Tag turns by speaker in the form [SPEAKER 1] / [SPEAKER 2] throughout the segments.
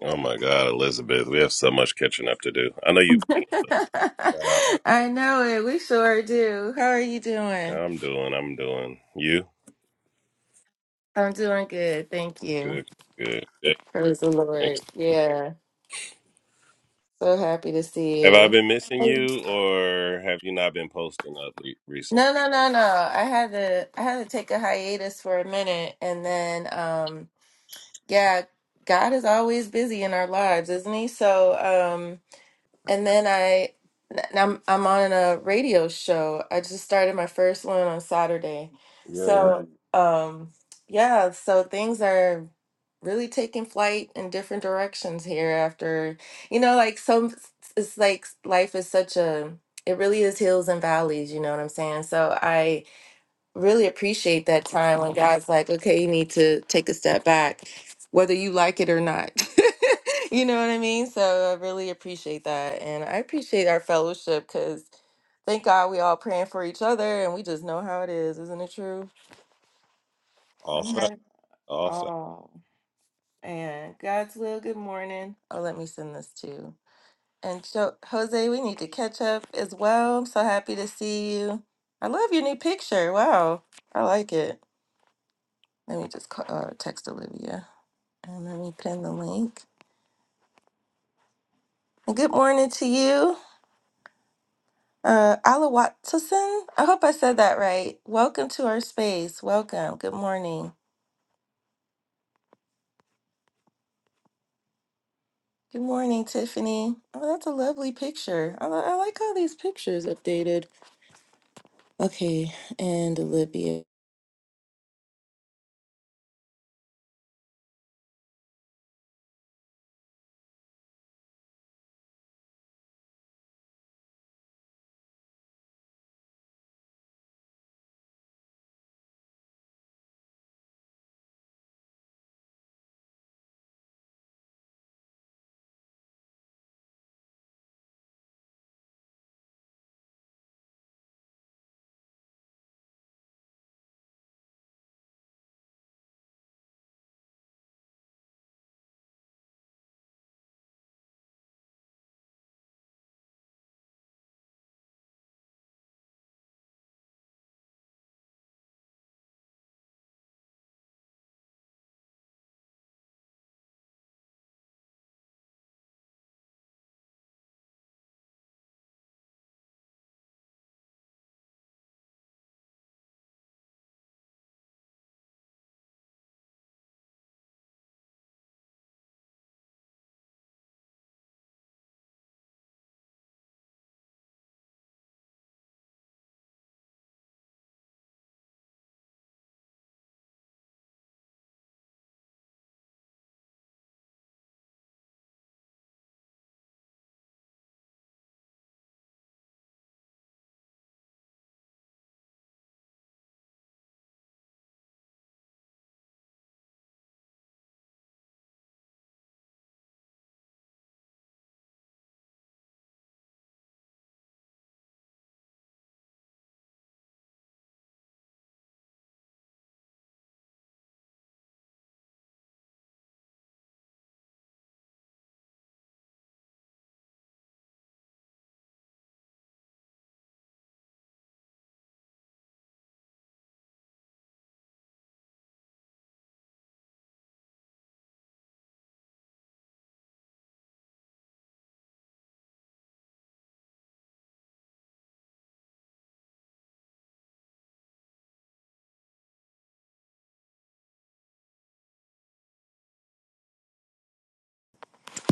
[SPEAKER 1] Oh my God, Elizabeth, we have so much catching up to do. I know you. uh,
[SPEAKER 2] I know it. We sure do. How are you doing?
[SPEAKER 1] I'm doing. I'm doing. You
[SPEAKER 2] I'm doing good. Thank you.
[SPEAKER 1] good? Good. Yeah,
[SPEAKER 2] Praise the Lord.
[SPEAKER 1] thanks.
[SPEAKER 2] Yeah. So happy to see
[SPEAKER 1] Have I
[SPEAKER 2] you.
[SPEAKER 1] been missing
[SPEAKER 2] Thanks.
[SPEAKER 1] you, or have you not been posting up le- recently?
[SPEAKER 2] No, no, no, no. I had to I had to take a hiatus for a minute and then um yeah, God is always busy in our lives, isn't he? So um, And then I, and I'm I'm on a radio show. I just started my first one on Saturday.
[SPEAKER 1] Yeah,
[SPEAKER 2] So, Wow. um, yeah, so things are really taking flight in different directions here after, you know, like some, it's like life is such a, it really is hills and valleys, you know what I'm saying? So I, really appreciate that time when God's like, okay, you need to take a step back, whether you like it or not. you know what I mean? So I really appreciate that. And I appreciate our fellowship because thank God we all praying for each other and we just know how it is. Isn't it true?
[SPEAKER 1] all
[SPEAKER 2] Yeah.
[SPEAKER 1] fact. All fact.
[SPEAKER 2] Oh, and God's will, good morning. Oh, let me send this to you. And so, Jose, we need to catch up as well. I'm so happy to see you. I love your new picture. Wow. I like it. Let me just call, uh, text Olivia and let me pin the link. And good morning to you, uh, Ala Watson. I hope I said that right. Welcome to our space. Welcome. Good morning. Good morning, Tiffany. Oh, that's a lovely picture. I, li- I like how these pictures updated. Okay, and Olivia.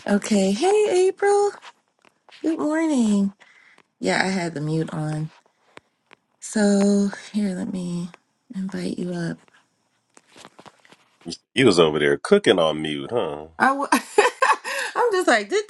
[SPEAKER 2] Okay, hey, April. Good morning. Yeah, I had the mute on. So here, let me invite you up.
[SPEAKER 1] You was over there cooking on mute, huh?
[SPEAKER 2] I w- I'm just like do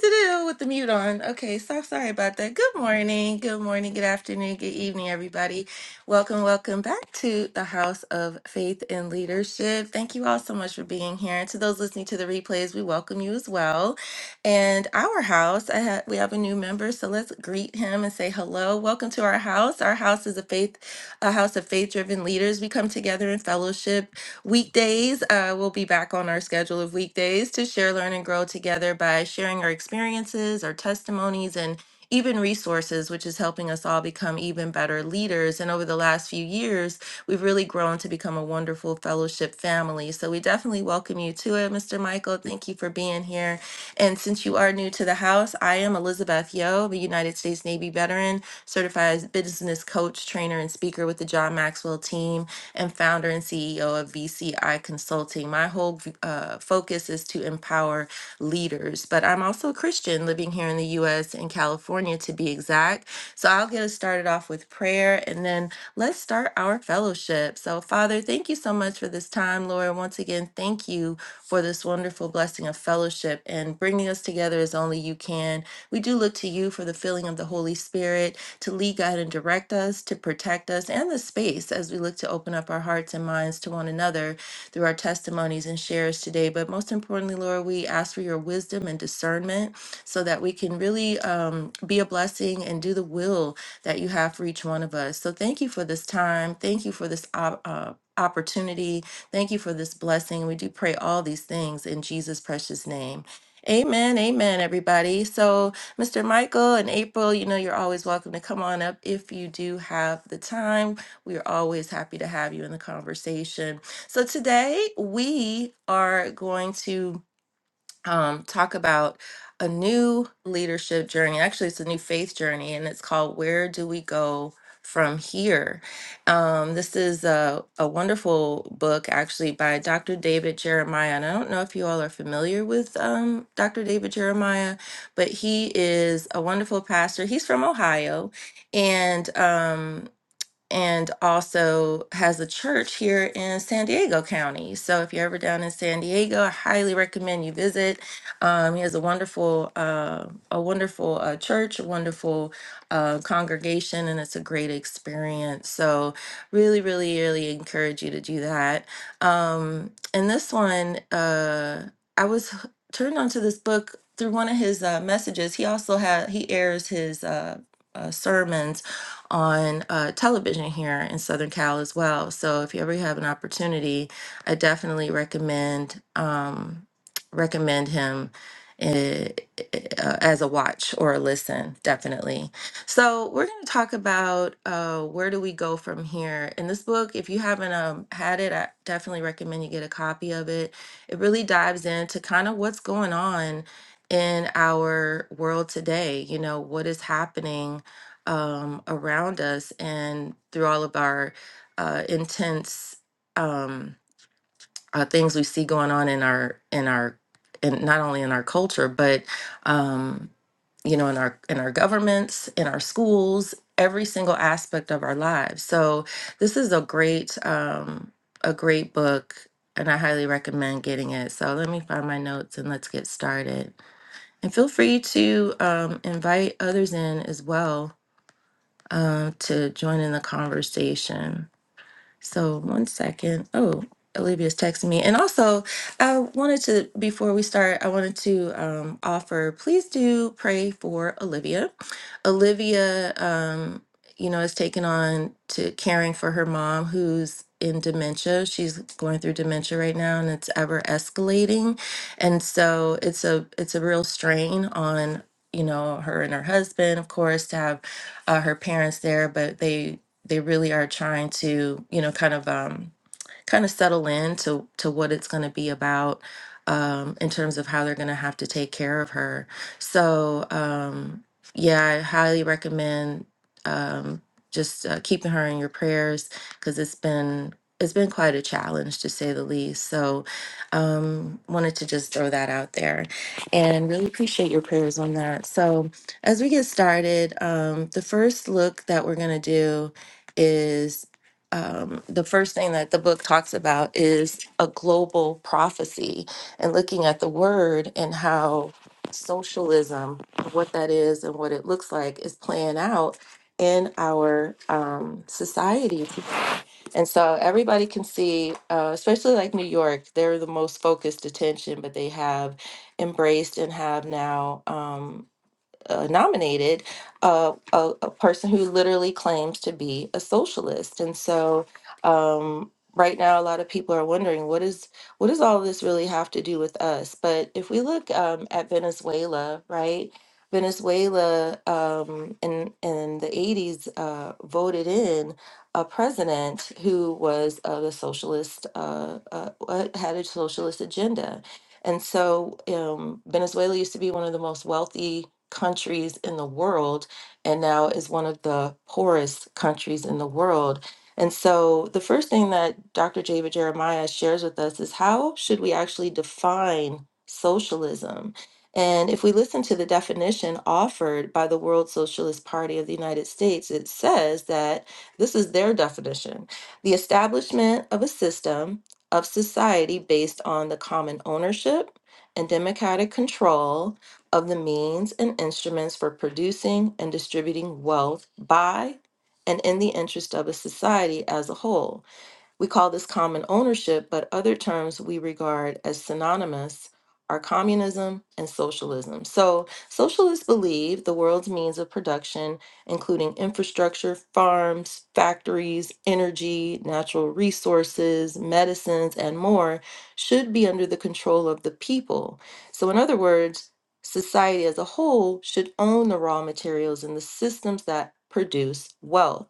[SPEAKER 2] with the mute on. Okay, so sorry about that. Good morning, good morning, good afternoon, good evening, everybody. Welcome, welcome back to the House of Faith and Leadership. Thank you all so much for being here, and to those listening to the replays, we welcome you as well. And our house, I ha- we have a new member, so let's greet him and say hello. Welcome to our house. Our house is a faith, a house of faith-driven leaders. We come together in fellowship Weekdays, uh, we'll be back on our schedule of weekdays to share, learn, and grow together by sharing our experiences, our testimonies, and even resources, which is helping us all become even better leaders. And over the last few years, we've really grown to become a wonderful fellowship family. So we definitely welcome you to it, Mr. Michael. Thank you for being here. And since you are new to the house, I am Elizabeth Yo, the United States Navy veteran, certified business coach, trainer, and speaker with the John Maxwell team and founder and CEO of VCI Consulting. My whole uh, focus is to empower leaders, but I'm also a Christian living here in the US in California to be exact. So I'll get us started off with prayer and then let's start our fellowship. So, Father, thank you so much for this time, Lord. Once again, thank you for this wonderful blessing of fellowship and bringing us together as only you can. We do look to you for the filling of the Holy Spirit to lead, guide, and direct us, to protect us, and the space as we look to open up our hearts and minds to one another through our testimonies and shares today. But most importantly, Lord, we ask for your wisdom and discernment so that we can really um, be a blessing and do the will that you have for each one of us. So thank you for this time. Thank you for this op- uh, opportunity. Thank you for this blessing. We do pray all these things in Jesus' precious name. Amen. Amen, everybody. So, Mr. Michael and April, you know, you're always welcome to come on up if you do have the time. We are always happy to have you in the conversation. So today we are going to um, talk about a new leadership journey. Actually, it's a new faith journey, and it's called Where Do We Go From Here? Um, this is a, a wonderful book, actually, by Dr. David Jeremiah. And I don't know if you all are familiar with um, Dr. David Jeremiah, but he is a wonderful pastor. He's from Ohio, and um, and also has a church here in San Diego County. So if you're ever down in San Diego, I highly recommend you visit. Um, he has a wonderful, uh, a wonderful uh, church, a wonderful uh, congregation, and it's a great experience. So really, really, really encourage you to do that. Um, and this one, uh, I was h- turned onto this book through one of his uh, messages. He also had he airs his. Uh, uh, sermons on uh, television here in Southern Cal as well. So if you ever have an opportunity, I definitely recommend um, recommend him eh, eh, uh, as a watch or a listen, definitely. So we're going to talk about uh, where do we go from here. In this book, if you haven't um, had it, I definitely recommend you get a copy of it. It really dives into kind of what's going on in our world today. You know, what is happening um, around us and through all of our uh, intense um, uh, things we see going on in our in our in not only in our culture but um, you know in our in our governments in our schools every single aspect of our lives so this is a great um, a great book and i highly recommend getting it so let me find my notes and let's get started and feel free to um, invite others in as well um, to join in the conversation. So one second. Oh, Olivia's texting me. And also, I wanted to before we start, I wanted to um, offer. Please do pray for Olivia. Olivia, um, you know, is taking on to caring for her mom, who's in dementia. She's going through dementia right now, and it's ever escalating. And so it's a it's a real strain on you know her and her husband, of course, to have uh, her parents there, but they they really are trying to you know kind of um, kind of settle in to to what it's going to be about um, in terms of how they're going to have to take care of her. So um, yeah, I highly recommend um, just uh, keeping her in your prayers because it's been it's been quite a challenge to say the least. So um, wanted to just throw that out there and really appreciate your prayers on that. So as we get started, um, the first look that we're going to do is um, the first thing that the book talks about is a global prophecy and looking at the word and how socialism, what that is and what it looks like, is playing out in our um, society. And so everybody can see, uh, especially like New York, they're the most focused attention, but they have embraced and have now. Um, uh, nominated uh, a, a person who literally claims to be a socialist. And so um, right now, a lot of people are wondering what is what does all this really have to do with us? But if we look um, at Venezuela, right? Venezuela um, in in the 80s uh, voted in a president who was of a socialist uh, uh, uh, had a socialist agenda, and so um, Venezuela used to be one of the most wealthy countries in the world and now is one of the poorest countries in the world. And so the first thing that Dr. David Jeremiah shares with us is how should we actually define socialism? And if we listen to the definition offered by the World Socialist Party of the United States, it says that this is their definition the establishment of a system of society based on the common ownership and democratic control of the means and instruments for producing and distributing wealth by and in the interest of a society as a whole. We call this common ownership, but other terms we regard as synonymous are communism and socialism. So, socialists believe the world's means of production, including infrastructure, farms, factories, energy, natural resources, medicines, and more, should be under the control of the people. So, in other words, society as a whole should own the raw materials and the systems that produce wealth.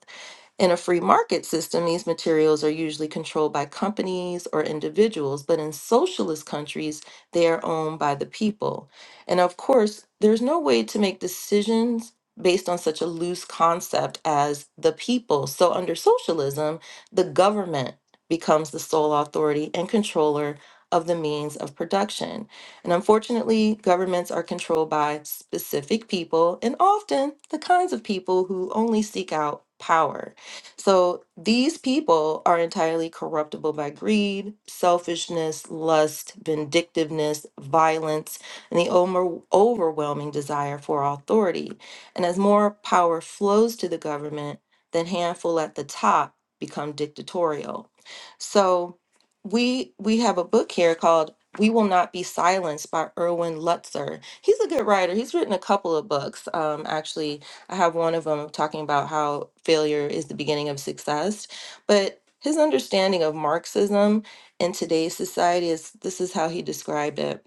[SPEAKER 2] In a free market system, these materials are usually controlled by companies or individuals, but in socialist countries, they are owned by the people. And of course, there's no way to make decisions based on such a loose concept as the people. So, under socialism, the government becomes the sole authority and controller of the means of production. And unfortunately, governments are controlled by specific people and often the kinds of people who only seek out power. So these people are entirely corruptible by greed, selfishness, lust, vindictiveness, violence, and the over- overwhelming desire for authority. And as more power flows to the government, the handful at the top become dictatorial. So we we have a book here called we will not be silenced by erwin lutzer he's a good writer he's written a couple of books um, actually I have one of them talking about how failure is the beginning of success. But his understanding of Marxism in today's society is this is how he described it.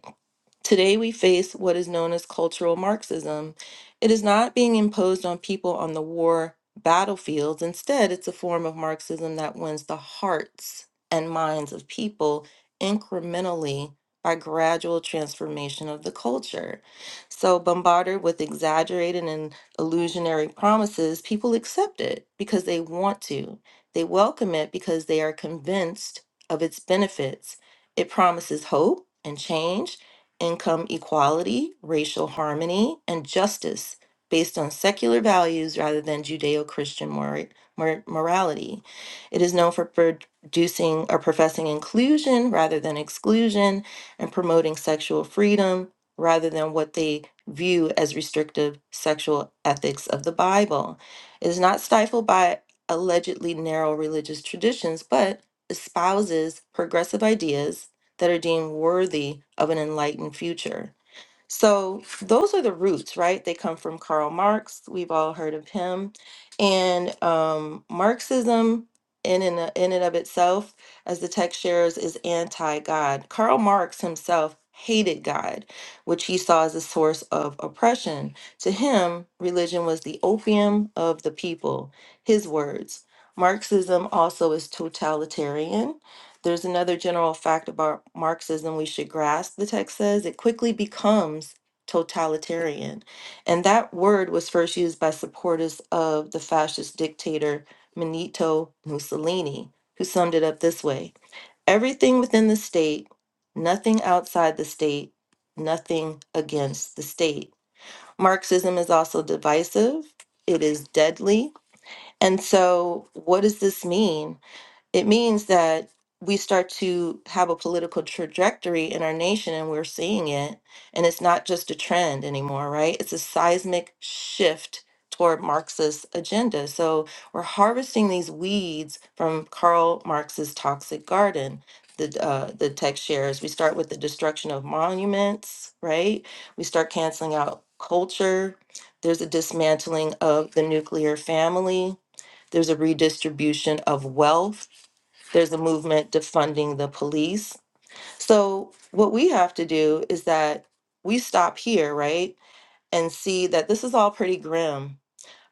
[SPEAKER 2] Today, we face what is known as cultural Marxism. It is not being imposed on people on the war battlefields. Instead, it's a form of Marxism that wins the hearts and minds of people incrementally by gradual transformation of the culture. So, bombarded with exaggerated and illusionary promises, people accept it because they want to. They welcome it because they are convinced of its benefits. It promises hope and change income equality, racial harmony, and justice based on secular values rather than Judeo Christian morality. It is known for producing or professing inclusion rather than exclusion and promoting sexual freedom rather than what they view as restrictive sexual ethics of the Bible. It is not stifled by allegedly narrow religious traditions, but espouses progressive ideas that are deemed worthy of an enlightened future. So, those are the roots, right? They come from Karl Marx. We've all heard of him. And um, Marxism, in and, in and of itself, as the text shares, is anti God. Karl Marx himself hated God, which he saw as a source of oppression. To him, religion was the opium of the people. His words. Marxism also is totalitarian there's another general fact about Marxism we should grasp, the text says. It quickly becomes totalitarian. And that word was first used by supporters of the fascist dictator Benito Mussolini, who summed it up this way Everything within the state, nothing outside the state, nothing against the state. Marxism is also divisive, it is deadly. And so, what does this mean? it means that we start to have a political trajectory in our nation and we're seeing it and it's not just a trend anymore right it's a seismic shift toward marxist agenda so we're harvesting these weeds from karl marx's toxic garden the, uh, the text shares we start with the destruction of monuments right we start canceling out culture there's a dismantling of the nuclear family there's a redistribution of wealth there's a movement defunding the police. So, what we have to do is that we stop here, right? And see that this is all pretty grim,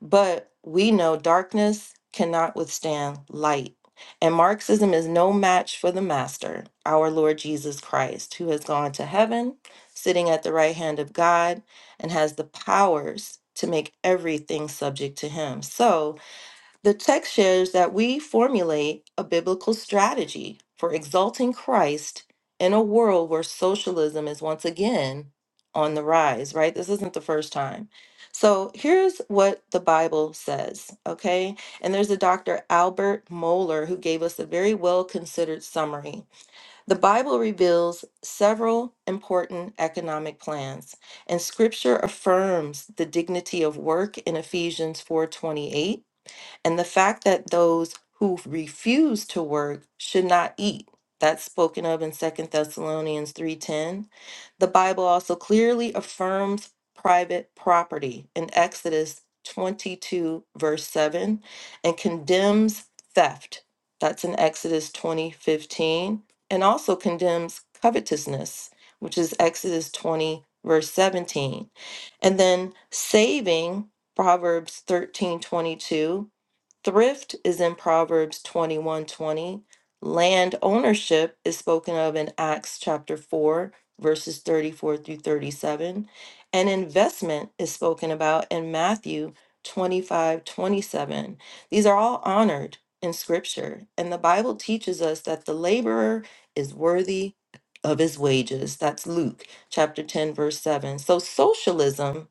[SPEAKER 2] but we know darkness cannot withstand light. And Marxism is no match for the master, our Lord Jesus Christ, who has gone to heaven, sitting at the right hand of God, and has the powers to make everything subject to him. So, the text shares that we formulate a biblical strategy for exalting Christ in a world where socialism is once again on the rise, right? This isn't the first time. So here's what the Bible says, okay? And there's a Dr. Albert Moeller who gave us a very well considered summary. The Bible reveals several important economic plans, and scripture affirms the dignity of work in Ephesians 4:28 and the fact that those who refuse to work should not eat. That's spoken of in Second Thessalonians 3:10. The Bible also clearly affirms private property in Exodus 22 verse 7 and condemns theft. That's in Exodus 20:15 and also condemns covetousness, which is Exodus 20 verse 17. And then saving Proverbs 13:22 Thrift is in Proverbs 21:20. Land ownership is spoken of in Acts chapter 4 verses 34 through 37, and investment is spoken about in Matthew 25:27. These are all honored in scripture, and the Bible teaches us that the laborer is worthy of his wages. That's Luke chapter 10 verse 7. So socialism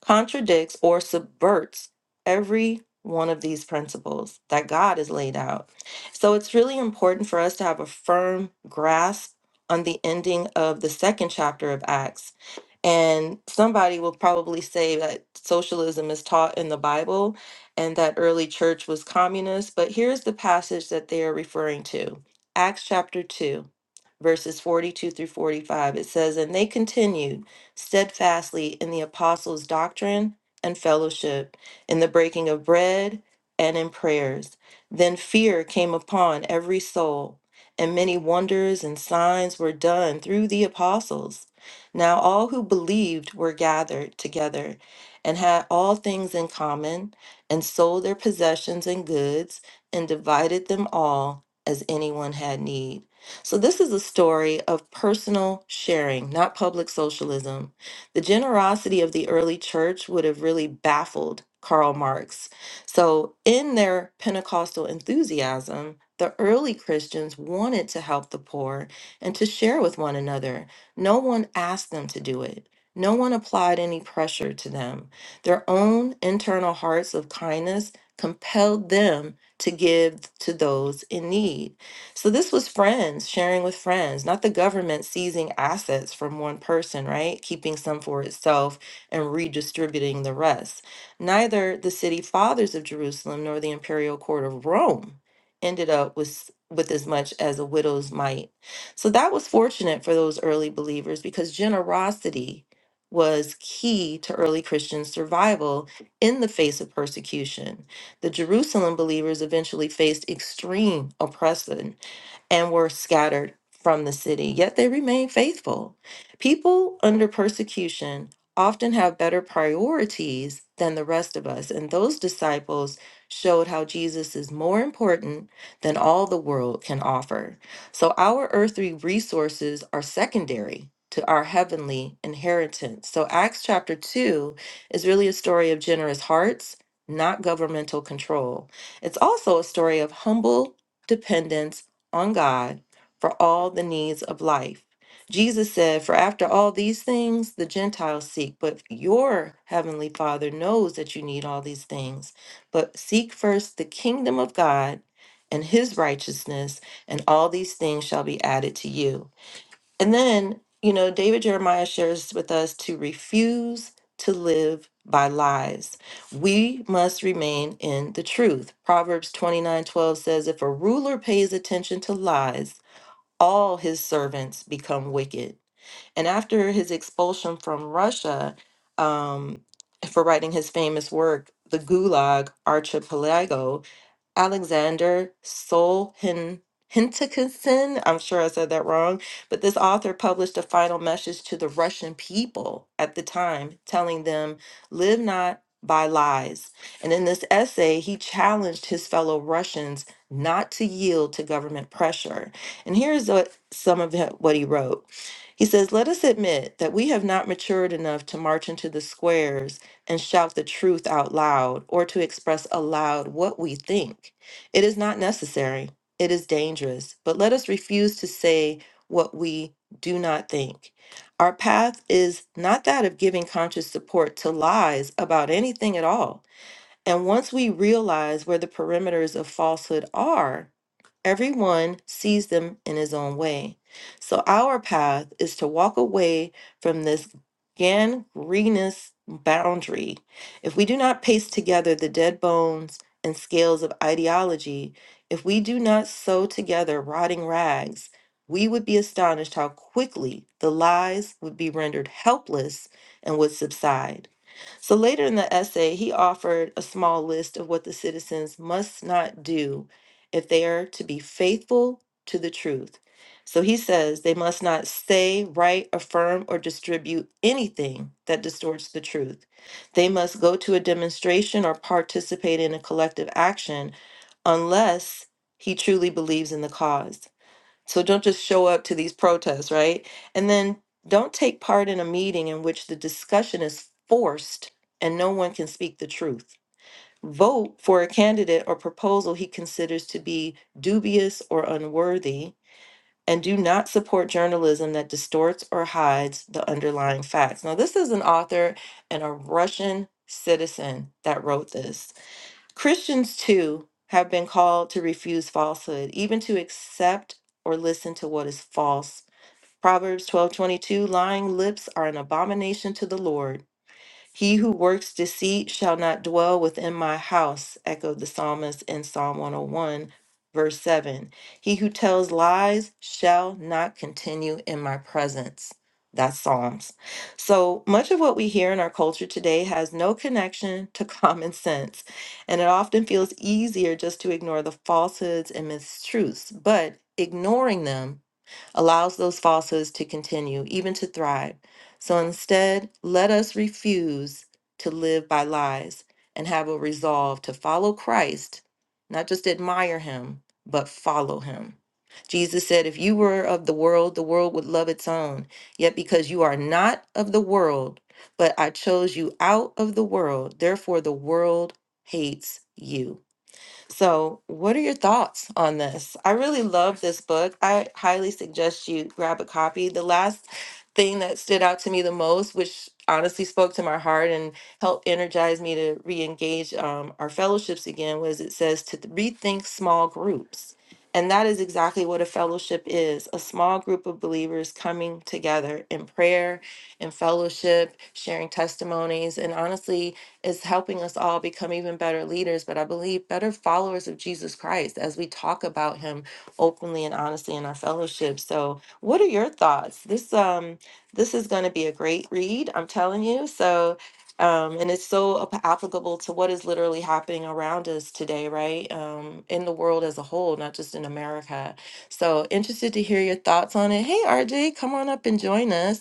[SPEAKER 2] contradicts or subverts every one of these principles that God has laid out. So it's really important for us to have a firm grasp on the ending of the second chapter of Acts and somebody will probably say that socialism is taught in the Bible and that early church was communist, but here's the passage that they are referring to Acts chapter 2, verses 42 through 45. It says, And they continued steadfastly in the apostles' doctrine and fellowship, in the breaking of bread and in prayers. Then fear came upon every soul, and many wonders and signs were done through the apostles. Now all who believed were gathered together and had all things in common, and sold their possessions and goods, and divided them all as anyone had need. So, this is a story of personal sharing, not public socialism. The generosity of the early church would have really baffled Karl Marx. So, in their Pentecostal enthusiasm, the early Christians wanted to help the poor and to share with one another. No one asked them to do it. No one applied any pressure to them. Their own internal hearts of kindness compelled them to give to those in need. So this was friends sharing with friends, not the government seizing assets from one person, right? Keeping some for itself and redistributing the rest. Neither the city fathers of Jerusalem nor the imperial court of Rome ended up with with as much as a widow's mite so that was fortunate for those early believers because generosity was key to early Christian survival in the face of persecution. The Jerusalem believers eventually faced extreme oppression and were scattered from the city, yet they remained faithful. People under persecution often have better priorities than the rest of us, and those disciples showed how Jesus is more important than all the world can offer. So our earthly resources are secondary to our heavenly inheritance. So Acts chapter 2 is really a story of generous hearts, not governmental control. It's also a story of humble dependence on God for all the needs of life. Jesus said, For after all these things the Gentiles seek, but your heavenly Father knows that you need all these things. But seek first the kingdom of God and his righteousness, and all these things shall be added to you. And then, you know, David Jeremiah shares with us to refuse to live by lies. We must remain in the truth. Proverbs 29 12 says, If a ruler pays attention to lies, all his servants become wicked. And after his expulsion from Russia um, for writing his famous work, The Gulag Archipelago, Alexander Sol Hin- I'm sure I said that wrong, but this author published a final message to the Russian people at the time, telling them, Live not by lies. And in this essay, he challenged his fellow Russians not to yield to government pressure. And here's what, some of it- what he wrote. He says, Let us admit that we have not matured enough to march into the squares and shout the truth out loud or to express aloud what we think. It is not necessary. It is dangerous. But let us refuse to say what we do not think. Our path is not that of giving conscious support to lies about anything at all and once we realize where the perimeters of falsehood are, everyone sees them in his own way. So our path is to walk away from this gangrenous boundary. If we do not paste together the dead bones and scales of ideology, if we do not sew together rotting rags, we would be astonished how quickly the lies would be rendered helpless and would subside. So later in the essay, he offered a small list of what the citizens must not do if they are to be faithful to the truth. So he says they must not say, write, affirm, or distribute anything that distorts the truth. They must go to a demonstration or participate in a collective action unless he truly believes in the cause. So don't just show up to these protests, right? And then don't take part in a meeting in which the discussion is forced and no one can speak the truth. Vote for a candidate or proposal he considers to be dubious or unworthy, and do not support journalism that distorts or hides the underlying facts. Now, this is an author and a Russian citizen that wrote this. Christians, too, have been called to refuse falsehood, even to accept or listen to what is false. Proverbs twelve twenty two: lying lips are an abomination to the Lord. He who works deceit shall not dwell within my house, echoed the psalmist in Psalm 101, verse 7. He who tells lies shall not continue in my presence. That's Psalms. So much of what we hear in our culture today has no connection to common sense, and it often feels easier just to ignore the falsehoods and mistruths, but ignoring them allows those falsehoods to continue, even to thrive. So instead, let us refuse to live by lies and have a resolve to follow Christ, not just admire him, but follow him. Jesus said, If you were of the world, the world would love its own. Yet because you are not of the world, but I chose you out of the world, therefore the world hates you. So, what are your thoughts on this? I really love this book. I highly suggest you grab a copy. The last thing that stood out to me the most, which honestly spoke to my heart and helped energize me to re engage um, our fellowships again, was it says to rethink small groups. And that is exactly what a fellowship is a small group of believers coming together in prayer, in fellowship, sharing testimonies, and honestly, is helping us all become even better leaders, but I believe better followers of Jesus Christ as we talk about him openly and honestly in our fellowship. So, what are your thoughts? This um this is going to be a great read, I'm telling you. So, um, and it's so ap- applicable to what is literally happening around us today, right? Um, in the world as a whole, not just in America. So, interested to hear your thoughts on it. Hey, RJ, come on up and join us.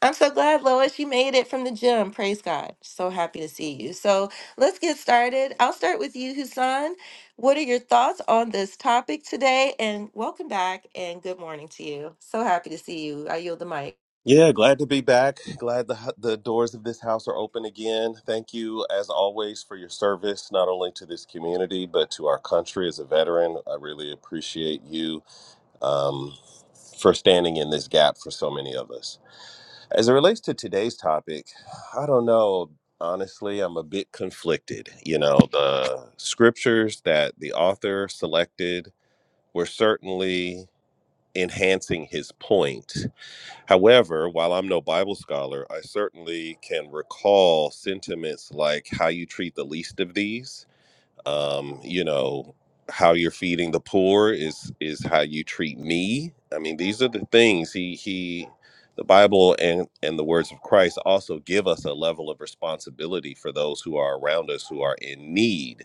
[SPEAKER 2] I'm so glad, Lois, you made it from the gym. Praise God. So happy to see you. So let's get started. I'll start with you, Husan. What are your thoughts on this topic today? And welcome back and good morning to you. So happy to see you. I yield the mic.
[SPEAKER 1] Yeah, glad to be back. Glad the hu- the doors of this house are open again. Thank you, as always, for your service not only to this community but to our country as a veteran. I really appreciate you um, for standing in this gap for so many of us. As it relates to today's topic, I don't know. Honestly, I'm a bit conflicted. You know, the scriptures that the author selected were certainly enhancing his point. However, while I'm no Bible scholar, I certainly can recall sentiments like how you treat the least of these um, you know how you're feeding the poor is is how you treat me i mean these are the things he he the bible and and the words of christ also give us a level of responsibility for those who are around us who are in need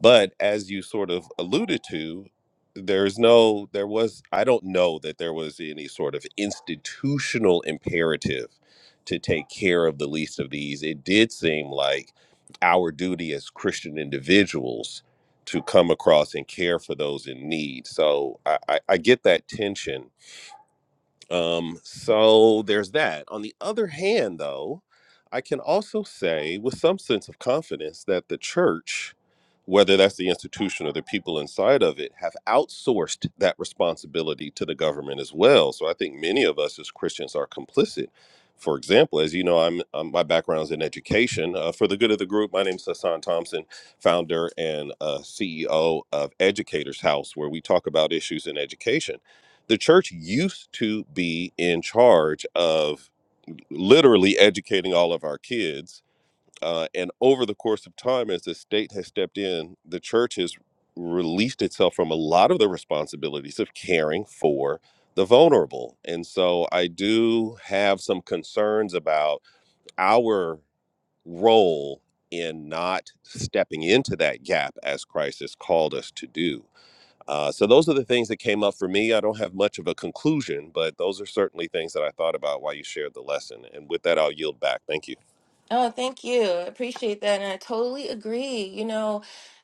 [SPEAKER 1] but as you sort of alluded to, there's no, there was, I don't know that there was any sort of institutional imperative to take care of the least of these. It did seem like our duty as Christian individuals to come across and care for those in need. So I, I, I get that tension um, so there's that. On the other hand, though, I can also say with some sense of confidence that the church, whether that's the institution or the people inside of it, have outsourced that responsibility to the government as well. So I think many of us as Christians are complicit. For example, as you know, I'm, i my background is in education. Uh, for the good of the group, my name is Hassan Thompson, founder and uh, CEO of Educators House, where we talk about issues in education the church used to be in charge of literally educating all of our kids. Uh, and over the course of time, as the state has stepped in, the church has released itself from a lot of the responsibilities of caring for the vulnerable. And so I do have some concerns about our role in not stepping into that gap as Christ has called us to do uh, so those are the things that came up for me. I don't have much of a conclusion, but those are certainly things that I thought about while you shared the lesson. And with that, I'll yield back. Thank you.
[SPEAKER 2] Oh, thank you. I appreciate that. And I totally agree. You know,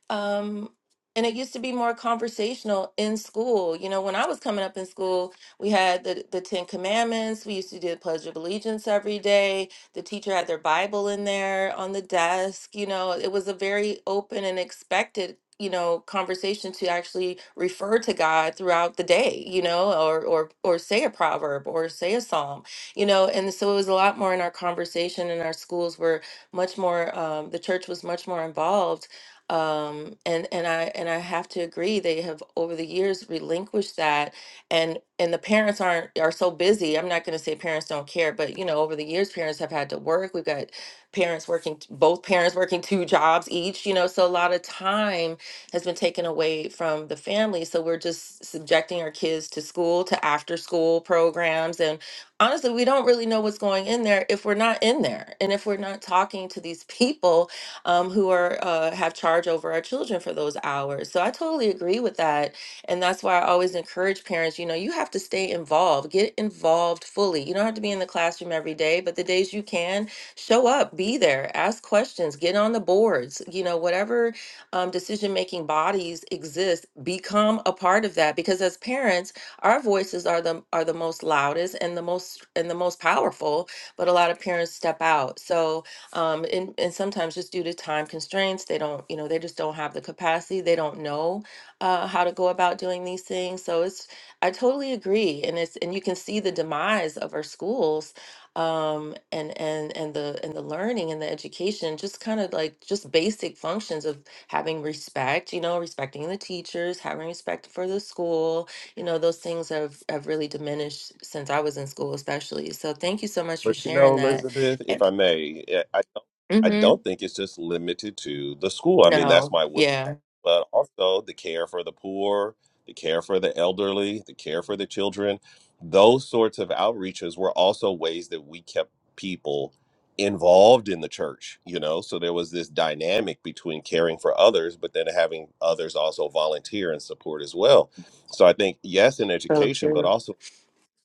[SPEAKER 2] Um, and it used to be more conversational in school. You know, when I was coming up in school, we had the, the Ten Commandments. We used to do the Pledge of Allegiance every day. The teacher had their Bible in there on the desk. You know, it was a very open and expected, you know, conversation to actually refer to God throughout the day, you know, or or or say a proverb or say a psalm, you know. And so it was a lot more in our conversation, and our schools were much more, um, the church was much more involved um, and and I and I have to agree they have over the years relinquished that and and the parents aren't are so busy I'm not going to say parents don't care but you know over the years parents have had to work we've got parents working t- both parents working two jobs each you know so a lot of time has been taken away from the family so we're just subjecting our kids to school to after school programs and honestly we don't really know what's going in there if we're not in there and if we're not talking to these people um, who are uh, have charge over our children for those hours. So I totally agree with that, and that's why I always encourage parents. You know, you have to stay involved, get involved fully. You don't have to be in the classroom every day, but the days you can, show up, be there, ask questions, get on the boards. You know, whatever um, decision making bodies exist, become a part of that because as parents, our voices are the are the most loudest and the most and the most powerful. But a lot of parents step out, so um and, and sometimes just due to time constraints they don't you know they just don't have the capacity they don't know uh, how to go about doing these things so it's i totally agree and it's and you can see the demise of our schools um and and and the and the learning and the education just kind of like just basic functions of having respect you know respecting the teachers having respect for the school you know those things have have really diminished since i was in school especially so thank you so much for
[SPEAKER 1] But you know,
[SPEAKER 2] sharing that
[SPEAKER 1] Elizabeth, if
[SPEAKER 2] And,
[SPEAKER 1] I may, I I don't think it's just limited to the school. I mean, that's
[SPEAKER 2] No,
[SPEAKER 1] my
[SPEAKER 2] yeah,
[SPEAKER 1] but also the care for the poor, the care for the elderly, the care for the children. Those sorts of outreaches were also ways that we kept people involved in the church, you know? So there was this dynamic between caring for others, but then having others also volunteer and support as well. So I think, yes, in
[SPEAKER 2] so
[SPEAKER 1] education, but
[SPEAKER 2] true.
[SPEAKER 1] also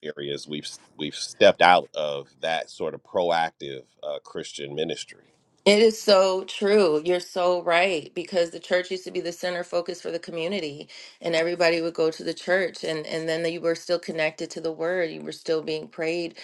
[SPEAKER 1] areas we've we've stepped out of that sort of proactive uh, Christian ministry.
[SPEAKER 2] It is so true. You're so right because the church used to be the center focus for the community, and everybody would go to the church, and and then you were still connected to the word. You were still being prayed,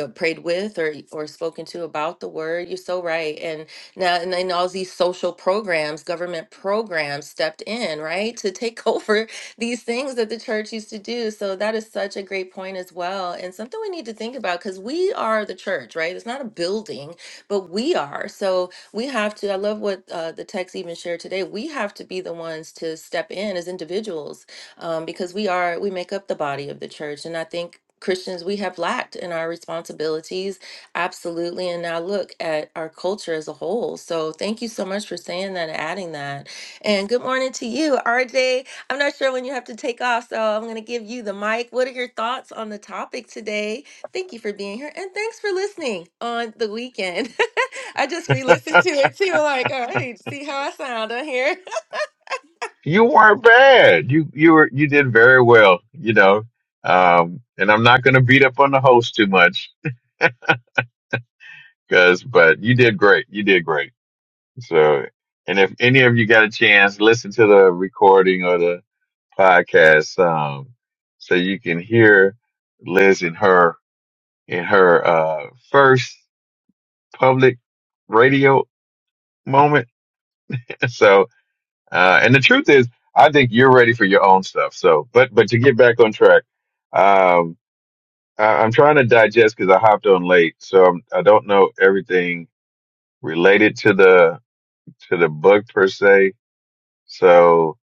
[SPEAKER 2] uh, prayed with, or or spoken to about the word. You're so right. And now, and then all these social programs, government programs stepped in, right, to take over these things that the church used to do. So that is such a great point as well, and something we need to think about because we are the church, right? It's not a building but we are. So we have to, I love what uh, the text even shared today. We have to be the ones to step in as individuals um, because we are, we make up the body of the church. And I think. Christians, we have lacked in our responsibilities, absolutely. And now look at our culture as a whole. So, thank you so much for saying that and adding that. And good morning to you, RJ. I'm not sure when you have to take off, so I'm going to give you the mic. What are your thoughts on the topic today? Thank you for being here and thanks for listening on the weekend. I just re listened to it too. Like, all right, see how I sound on here.
[SPEAKER 3] you weren't bad. You you were you did very well. You know, um, and I'm not going to beat up on the host too much because, but you did great. You did great. So, and if any of you got a chance, listen to the recording or the podcast, um, so you can hear Liz in her in her uh first public radio moment. So Uh, and the truth is, I think you're ready for your own stuff. So, but but to get back on track, um, I, I'm trying to digest because I hopped on late, so I'm, I don't know everything related to the to the book per se. So,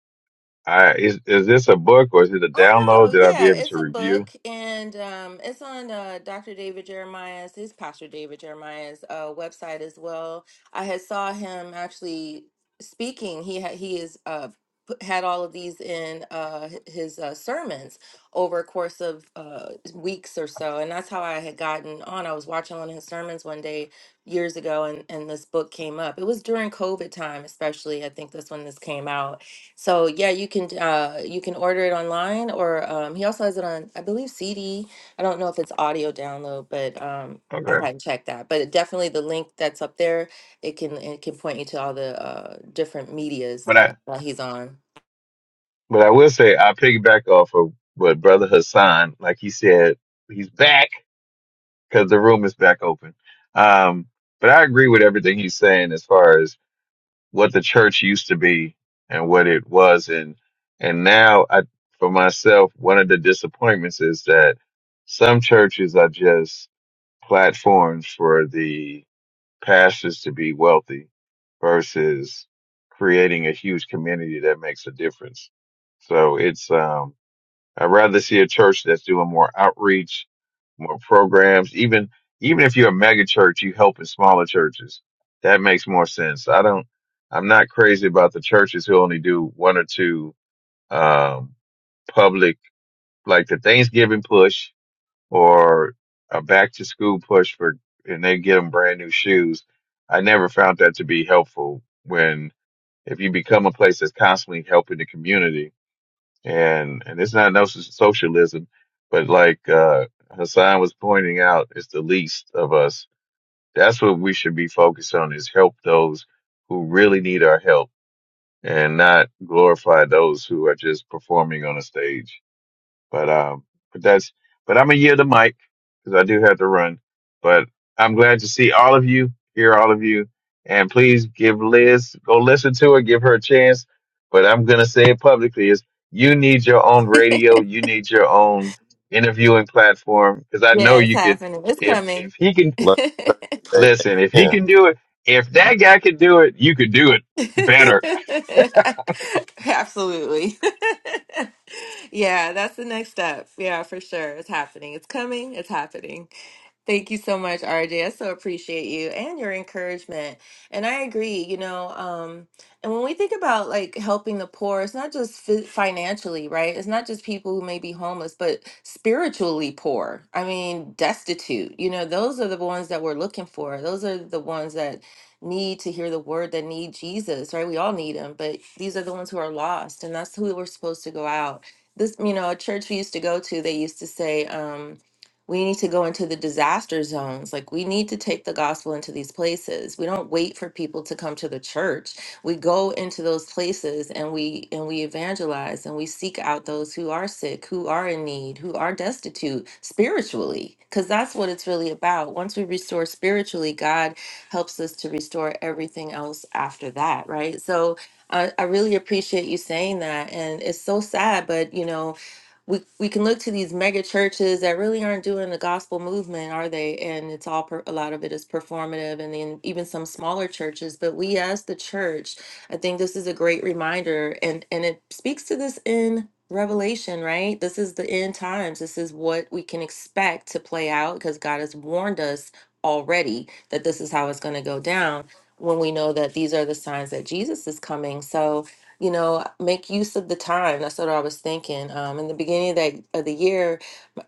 [SPEAKER 3] I is is this a book or is it a
[SPEAKER 2] Oh
[SPEAKER 3] download
[SPEAKER 2] no,
[SPEAKER 3] that I'll be
[SPEAKER 2] yeah,
[SPEAKER 3] able to
[SPEAKER 2] it's a
[SPEAKER 3] review?
[SPEAKER 2] book and um it's on uh Dr. David Jeremiah's his pastor David Jeremiah's uh website as well. I had saw him actually speaking. He had he is uh put, had all of these in uh h- his uh, sermons over a course of uh weeks or so and that's how I had gotten on. I was watching one of his sermons one day years ago and and this book came up. It was during COVID time especially. I think that's when this came out so yeah, you can uh you can order it online or um he also has it on I believe CD. I don't know if it's audio download, but um I
[SPEAKER 3] Okay,
[SPEAKER 2] hadn't checked that. But definitely the link that's up there, it can it can point you to all the uh different medias
[SPEAKER 3] but I
[SPEAKER 2] uh, that he's on.
[SPEAKER 3] but I will say I piggyback off of what Brother Hassan, like he said, he's back because the room is back open. Um, but I agree with everything he's saying as far as what the church used to be and what it was and and now I for myself one of the disappointments is that some churches are just platforms for the pastors to be wealthy versus creating a huge community that makes a difference. So it's um I'd rather see a church that's doing more outreach, more programs. Even even if you're a mega church, you help in smaller churches. That makes more sense. I don't. I'm not crazy about the churches who only do one or two um, public, like the Thanksgiving push or a back to school push for, and they get them brand new shoes. I never found that to be helpful. When if you become a place that's constantly helping the community and and it's not no so, socialism, but like uh, Hassan was pointing out, it's the least of us. That's what we should be focused on: is help those who really need our help, and not glorify those who are just performing on a stage. But um, but that's but I'm gonna yield the mic because I do have to run. But I'm glad to see all of you, hear all of you, and please give Liz go listen to her, give her a chance. But I'm gonna say it publicly: is you need your own radio, you need your own interviewing platform because I know
[SPEAKER 2] Yeah, it's
[SPEAKER 3] you could.
[SPEAKER 2] happening. It's
[SPEAKER 3] If
[SPEAKER 2] coming.
[SPEAKER 3] if he can
[SPEAKER 1] Let the church
[SPEAKER 3] listen, if
[SPEAKER 1] say
[SPEAKER 3] he can do it, if that guy could do it, you could do it better
[SPEAKER 2] Absolutely. yeah, that's the next step. Yeah, for sure. It's happening. It's coming. It's happening. Thank you so much, RJ. I so appreciate you and your encouragement. And I agree, you know, um, and when we think about like helping the poor, it's not just fi- financially, right? It's not just people who may be homeless, but spiritually poor. I mean, destitute. You know, those are the ones that we're looking for. Those are the ones that need to hear the word that need Jesus, right? We all need him, but these are the ones who are lost, and that's who we're supposed to go out. This, you know, a church we used to go to, they used to say, um, we need to go into the disaster zones. Like, we need to take the gospel into these places. We don't wait for people to come to the church. We go into those places and we and we evangelize and we seek out those who are sick, who are in need, who are destitute spiritually, because that's what it's really about. Once we restore spiritually, God helps us to restore everything else after that, right? So I, I really appreciate you saying that. And it's so sad, but you know, we, we can look to these mega churches that really aren't doing the gospel movement, are they? And it's all per, a lot of it is performative, and then even some smaller churches. But we, as the church, I think this is a great reminder, and and it speaks to this in Revelation, right? This is the end times. This is what we can expect to play out because God has warned us already that this is how it's going to go down when we know that these are the signs that Jesus is coming. So, you know, make use of the time. That's what I was thinking. Um, in the beginning of the, of the year,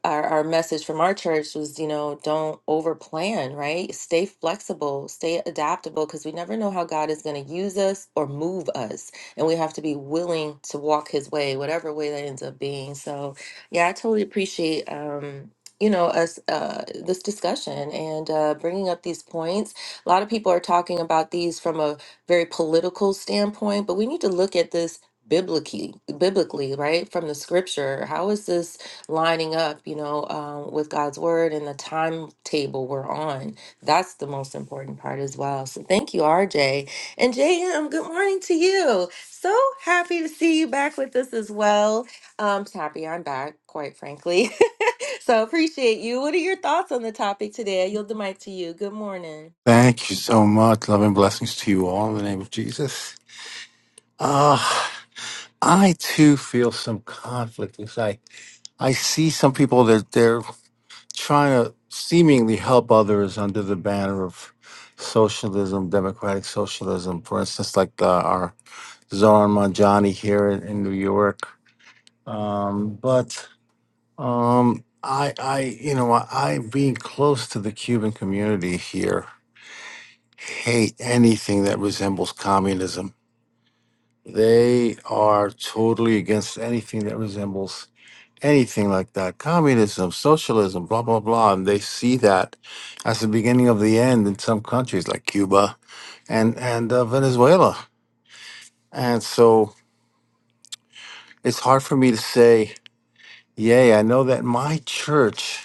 [SPEAKER 2] our, our message from our church was you know don't over plan right stay flexible stay adaptable because we never know how god is going to use us or move us and we have to be willing to walk his way whatever way that ends up being so yeah i totally appreciate um you know us uh, this discussion and uh, bringing up these points a lot of people are talking about these from a very political standpoint but we need to look at this biblically biblically right from the scripture how is this lining up, you know, um, with God's word and the timetable we're on. That's the most important part as well. So thank you, RJ. And JM, good morning to you. So happy to see you back with us as well. Um, just happy I'm back, quite frankly. so appreciate you. What are your thoughts on the topic today? I yield the mic to you. Good morning.
[SPEAKER 4] Thank you so much. Love and blessings to you all in the name of Jesus. Ah, I too feel some conflict. It's like I see some people that they're trying to seemingly help others under the banner of socialism, democratic socialism. For instance, like the, our Zoran Manjani here in, in New York. Um, but um, I, I, you know, I, I being close to the Cuban community here hate anything that resembles communism They are totally against anything that resembles anything like that. Communism, socialism, blah, blah, blah. And they see that as the beginning of the end in some countries like Cuba and, and uh, Venezuela. And so it's hard for me to say, yay, I know that my church.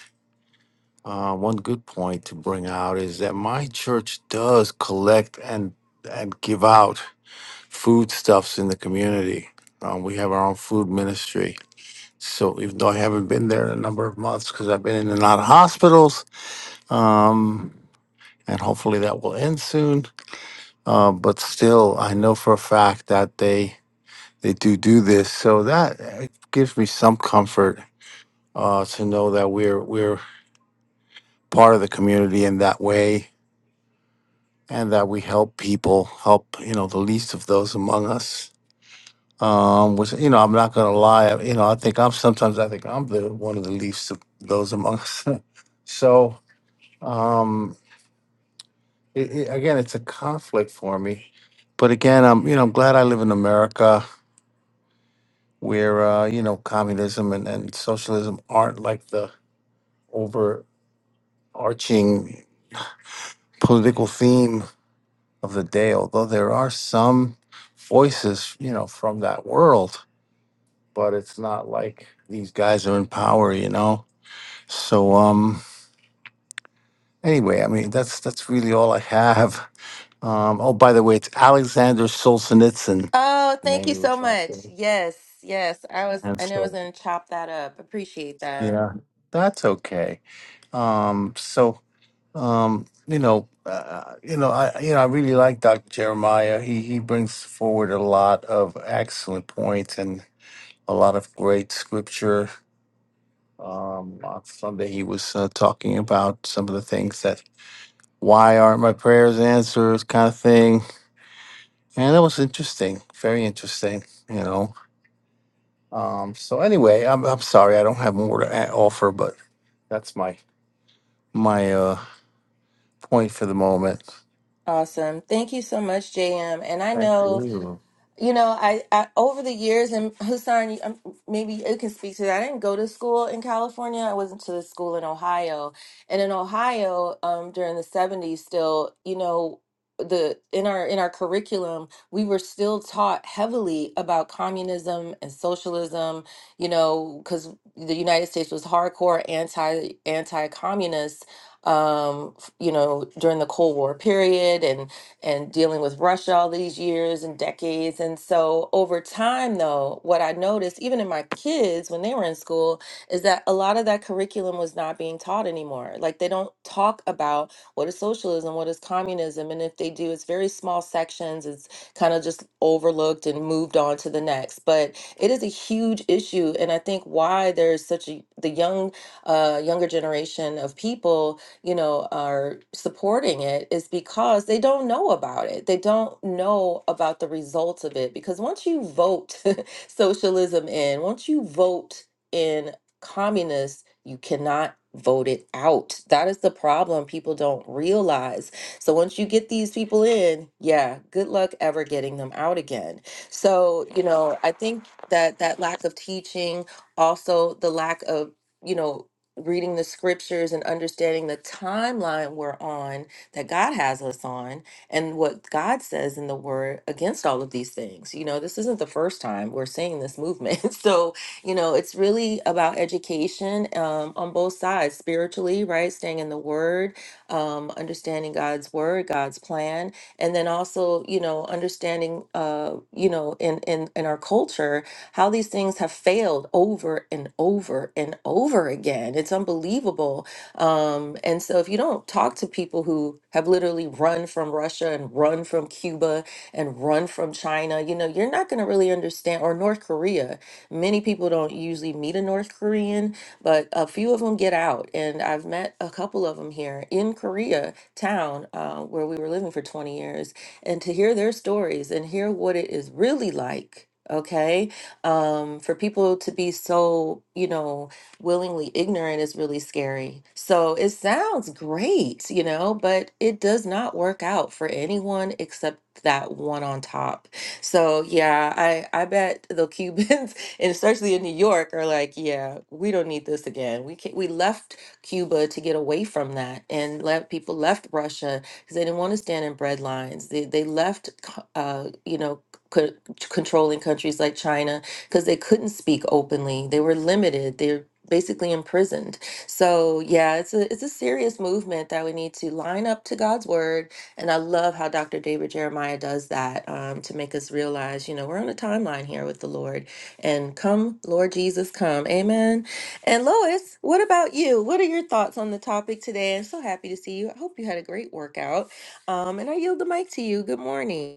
[SPEAKER 4] Uh, one good point to bring out is that my church does collect and and give out foodstuffs in the community. Um, we have our own food ministry, So even though I haven't been there in a number of months because I've been in and out of hospitals, um, and hopefully that will end soon. Uh, but still, I know for a fact that they they do do this, so that uh, gives me some comfort uh, to know that we're we're part of the community in that way, and that we help people, help you know the least of those among us. Um, which you know, I'm not gonna lie. You know, I think I'm sometimes I think I'm the one of the least of those among us. so Um, it, it, again, it's a conflict for me, but again, I'm you know I'm glad I live in America where uh, you know communism and, and socialism aren't like the overarching political theme of the day. Although there are some voices, you know, from that world, but it's not like these guys are in power, you know. So um, anyway, I mean that's that's really all I have. Um, oh, by the way, it's Alexander Solzhenitsyn,
[SPEAKER 2] Oh,
[SPEAKER 4] the
[SPEAKER 2] thank
[SPEAKER 4] name
[SPEAKER 2] you
[SPEAKER 4] of
[SPEAKER 2] so
[SPEAKER 4] which I
[SPEAKER 2] much. Yes, yes. I was
[SPEAKER 4] and
[SPEAKER 2] I knew I was
[SPEAKER 4] so
[SPEAKER 2] gonna chop that up. Appreciate that.
[SPEAKER 4] yeah, that's okay. Um, so um, you know, uh, you know, I you know, I really like Dr. Jeremiah. He he brings forward a lot of excellent points and a lot of great scripture. Um, on Sunday he was uh, talking about some of the things that why aren't my prayers answered kind of thing, and that was interesting, very interesting. You know, Um, so anyway, I'm, I'm sorry, I don't have more to a- offer, but that's my my uh point for the moment.
[SPEAKER 2] Awesome. Thank you so much, JM. And I
[SPEAKER 4] Thank
[SPEAKER 2] know
[SPEAKER 4] you.
[SPEAKER 2] You know, I, I over the years, and Hussein, you- um, maybe you can speak to that. I didn't go to school in California. I went to the school in Ohio, and in Ohio, um, during the seventies, still, you know, the in our in our curriculum, we were still taught heavily about communism and socialism. You know, because the United States was hardcore anti anti communist. Um, f- you know, during the Cold War period, and and dealing with Russia all these years and decades. And so over time, though, what I noticed, even in my kids when they were in school, is that a lot of that curriculum was not being taught anymore. Like they don't talk about what is socialism, what is communism. And if they do, it's very small sections. It's kind of just overlooked and moved on to the next. But it is a huge issue. And I think why there's such a, the young, uh, younger generation of people you know, are supporting it is because they don't know about it. They don't know about the results of it. Because once you vote socialism in, once you vote in communists, you cannot vote it out. That is the problem people don't realize. So once you get these people in, yeah, good luck ever getting them out again. So, you know, I think that that lack of teaching, also the lack of, you know, reading the scriptures and understanding the timeline we're on that God has us on and what God says in the word against all of these things. You know, this isn't the first time we're seeing this movement. So, you know, it's really about education um, on both sides spiritually, right? Staying in the word, um, understanding God's word, God's plan, and then also, you know, understanding, uh, you know, in, in, in our culture how these things have failed over and over and over again. It's unbelievable. Um, and so, if you don't talk to people who have literally run from Russia and run from Cuba and run from China, you know, you're not going to really understand, or North Korea. Many people don't usually meet a North Korean, but a few of them get out. And I've met a couple of them here in Korea town uh, where we were living for 20 years and to hear their stories and hear what it is really like. Okay um, for people to be so, you know, willingly ignorant is really scary. So it sounds great, you know, but it does not work out for anyone except that one on top. So yeah, I I bet the Cubans, and especially in New York, are like, yeah, we don't need this again. We can, we left Cuba to get away from that, and let people left Russia because they didn't want to stand in bread lines. They they left, co- uh, you know. c- Controlling countries like China because they couldn't speak openly. They were limited. They're basically imprisoned. So yeah, it's a it's a serious movement that we need to line up to God's word. And I love how Dr. David Jeremiah does that um, to make us realize, you know, we're on a timeline here with the Lord. And come, Lord Jesus, come. Amen. And Lois, what about you? What are your thoughts on the topic today? I'm so happy to see you. I hope you had a great workout. Um, and I yield the mic to you. Good morning.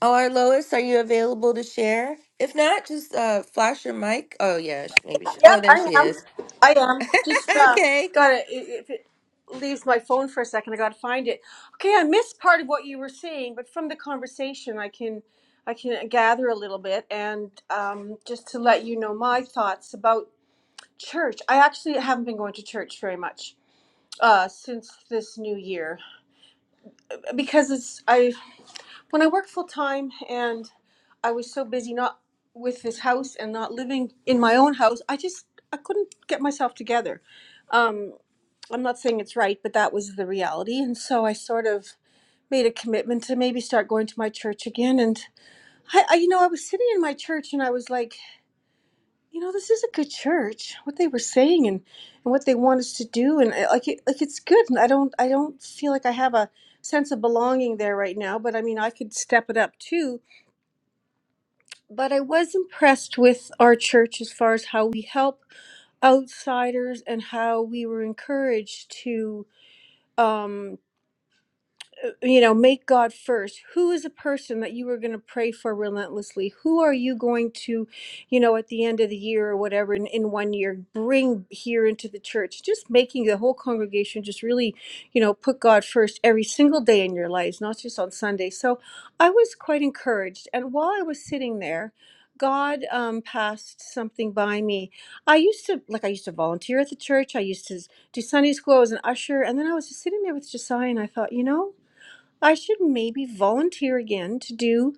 [SPEAKER 2] Oh, our Lois, are you available to share? If not, just uh flash your mic. Oh yeah, sh- maybe she
[SPEAKER 5] Yep,
[SPEAKER 2] oh there
[SPEAKER 5] I
[SPEAKER 2] she
[SPEAKER 5] am.
[SPEAKER 2] is.
[SPEAKER 5] I am. Just uh,
[SPEAKER 2] okay.
[SPEAKER 5] gotta. i- If it leaves my phone for a second, I gotta find it. Okay, I missed part of what you were saying, but from the conversation, I can I can gather a little bit, and um, just to let you know my thoughts about church. I actually haven't been going to church very much uh, since this new year because it's I when I worked full time and I was so busy not with this house and not living in my own house, I just I couldn't get myself together. Um, I'm not saying it's right, but that was the reality, and so I sort of made a commitment to maybe start going to my church again. And I, I you know, I was sitting in my church and I was like, you know, this is a good church. What they were saying and and what they want us to do, and uh, like it, like it's good. And I don't I don't feel like I have a sense of belonging there right now, but I mean, I could step it up too but I was impressed with our church as far as how we help outsiders and how we were encouraged to um uh, you know, make God first. Who is a person that you are going to pray for relentlessly? Who are you going to, you know, at the end of the year or whatever, in, in one year, bring here into the church? Just making the whole congregation just really, you know, put God first every single day in your lives, not just on Sunday. So I was quite encouraged. And while I was sitting there, God um, passed something by me. I used to, like, I used to volunteer at the church. I used to do Sunday school. I was an usher. And then I was just sitting there with Josiah and I thought, you know, I should maybe volunteer again to do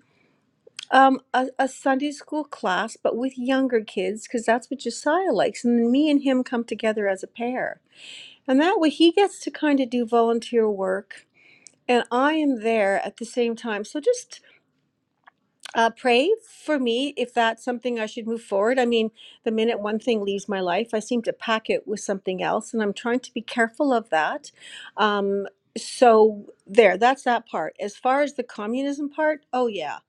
[SPEAKER 5] um, a, a Sunday school class, but with younger kids, because that's what Josiah likes. And then me and him come together as a pair. And that way he gets to kind of do volunteer work, and I am there at the same time. So just uh, pray for me if that's something I should move forward. I mean, the minute one thing leaves my life, I seem to pack it with something else, and I'm trying to be careful of that. Um, so there, that's that part. As far as the communism part, oh yeah,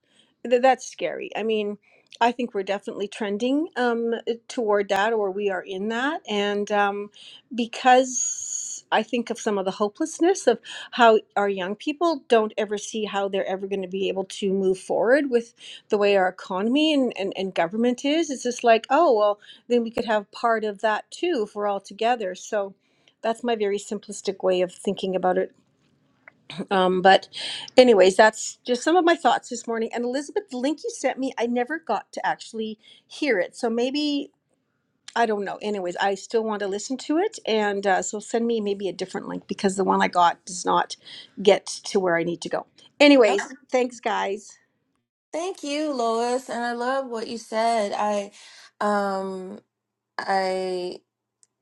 [SPEAKER 5] th- that's scary. I mean, I think we're definitely trending um, toward that, or we are in that, and um, because I think of some of the hopelessness of how our young people don't ever see how they're ever going to be able to move forward with the way our economy and, and, and government is it's just like oh well then we could have part of that too if we're all together so that's my very simplistic way of thinking about it um, but anyways that's just some of my thoughts this morning and elizabeth the link you sent me i never got to actually hear it so maybe i don't know anyways i still want to listen to it and uh, so send me maybe a different link because the one i got does not get to where i need to go anyways
[SPEAKER 2] Okay.
[SPEAKER 5] thanks guys
[SPEAKER 2] Thank you, Lois. And I love what you said. I um I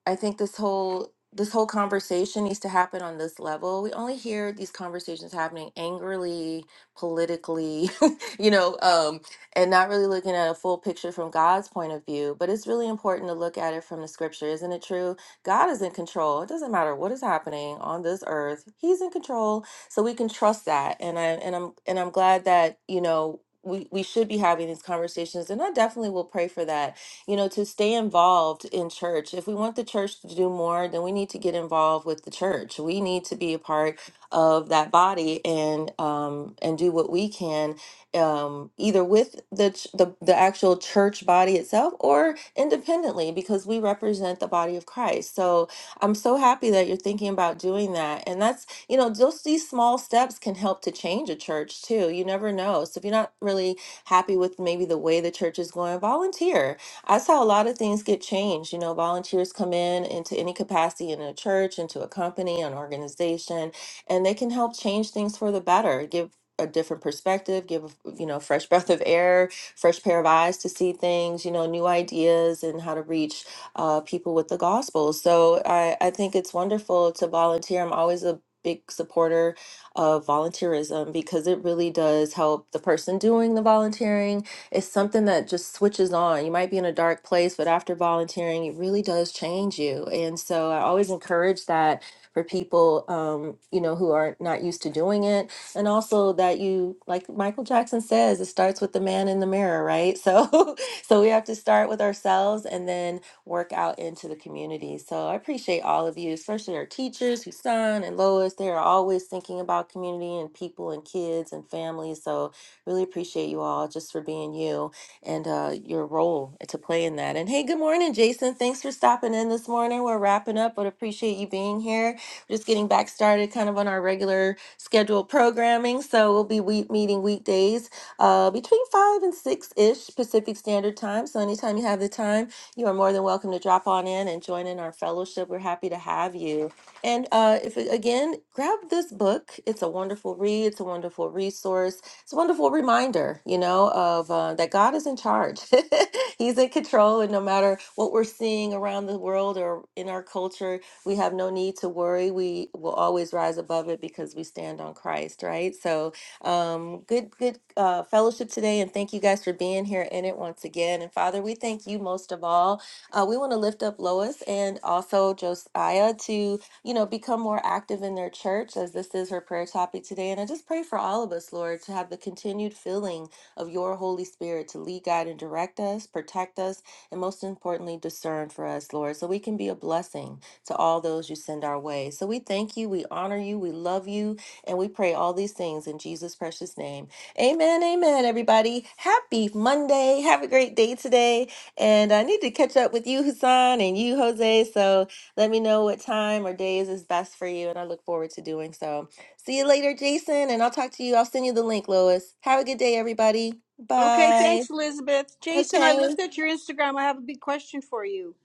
[SPEAKER 2] I think this whole this whole conversation needs to happen on this level. We only hear these conversations happening angrily, politically, you know, um, and not really looking at a full picture from God's point of view. But it's really important to look at it from the scripture, isn't it true? God is in control. It doesn't matter what is happening on this earth. He's in control. So we can trust that. And I and I'm and I'm glad that, you know, we, we should be having these conversations and I definitely will pray for that you know, to stay involved in church. If we want the church to do more, then we need to get involved with the church. We need to be a part of that body and um, and do what we can, um, either with the, ch- the the actual church body itself or independently, because we represent the body of Christ. So I'm so happy that you're thinking about doing that, and that's you know, just these small steps can help to change a church too. You never know. So if you're not really happy with maybe the way the church is going, volunteer I saw a lot of things get changed. You know, volunteers come in into any capacity in a church, into a company, an organization, and they can help change things for the better, give a different perspective, give, you know, fresh breath of air, fresh pair of eyes to see things, you know, new ideas and how to reach uh, people with the gospel. So I, I think it's wonderful to volunteer. I'm always a big supporter of volunteerism because it really does help the person doing the volunteering it's something that just switches on. You might be in a dark place, but after volunteering, it really does change you. And so I always encourage that for people, um, you know, who are not used to doing it. And also that you, like Michael Jackson says, it starts with the man in the mirror, right? So, so we have to start with ourselves and then work out into the community. So I appreciate all of you, especially our teachers, Husan and Lois. They are always thinking about community and people and kids and families. So Really appreciate you all just for being you and uh, your role to play in that. And hey, good morning, Jason. Thanks for stopping in this morning. We're wrapping up, but appreciate you being here. We're just getting back started kind of on our regular scheduled programming. So we'll be week meeting weekdays uh, between 5 and 6 ish Pacific Standard Time. So anytime you have the time, you are more than welcome to drop on in and join in our fellowship. We're happy to have you. And uh, if again, grab this book. It's a wonderful read. It's a wonderful resource it's a wonderful reminder, you know, of uh, that God is in charge. He's in control, and no matter what we're seeing around the world or in our culture, we have no need to worry. We will always rise above it because we stand on Christ, right? So, um, good, good uh, fellowship today, and thank you guys for being here in it once again. And Father, we thank you most of all. Uh, we want to lift up Lois and also Josiah to you know, become more active in their church as this is her prayer topic today. And I just pray for all of us, Lord, to have the continued filling of your Holy Spirit to lead, guide, and direct us, protect us, and most importantly, discern for us, Lord, so we can be a blessing to all those you send our way. So we thank you, we honor you, we love you, and we pray all these things in Jesus' precious name. Amen, amen, everybody. Happy Monday. Have a great day today. And I need to catch up with you, Hassan, and you, Jose. So, let me know what time or days is best for you, and I look forward to doing so. See you later, Jason, and I'll talk to you. I'll send you the link, Lois. Have a good day, everybody.
[SPEAKER 5] Okay,
[SPEAKER 2] Bye.
[SPEAKER 5] thanks, Elizabeth. Jason, I
[SPEAKER 2] Okay.
[SPEAKER 5] looked at your Instagram. I have a big question for you,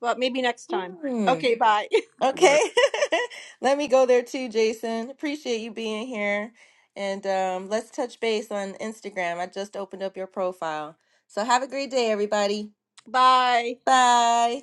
[SPEAKER 5] but maybe next time.
[SPEAKER 2] Hmm.
[SPEAKER 5] Okay, bye.
[SPEAKER 1] amen.
[SPEAKER 2] Okay. Let me go there too, Jason. Appreciate you being here. And um, let's touch base on Instagram. I just opened up your profile. So have a great day, everybody.
[SPEAKER 5] bye.
[SPEAKER 2] Bye.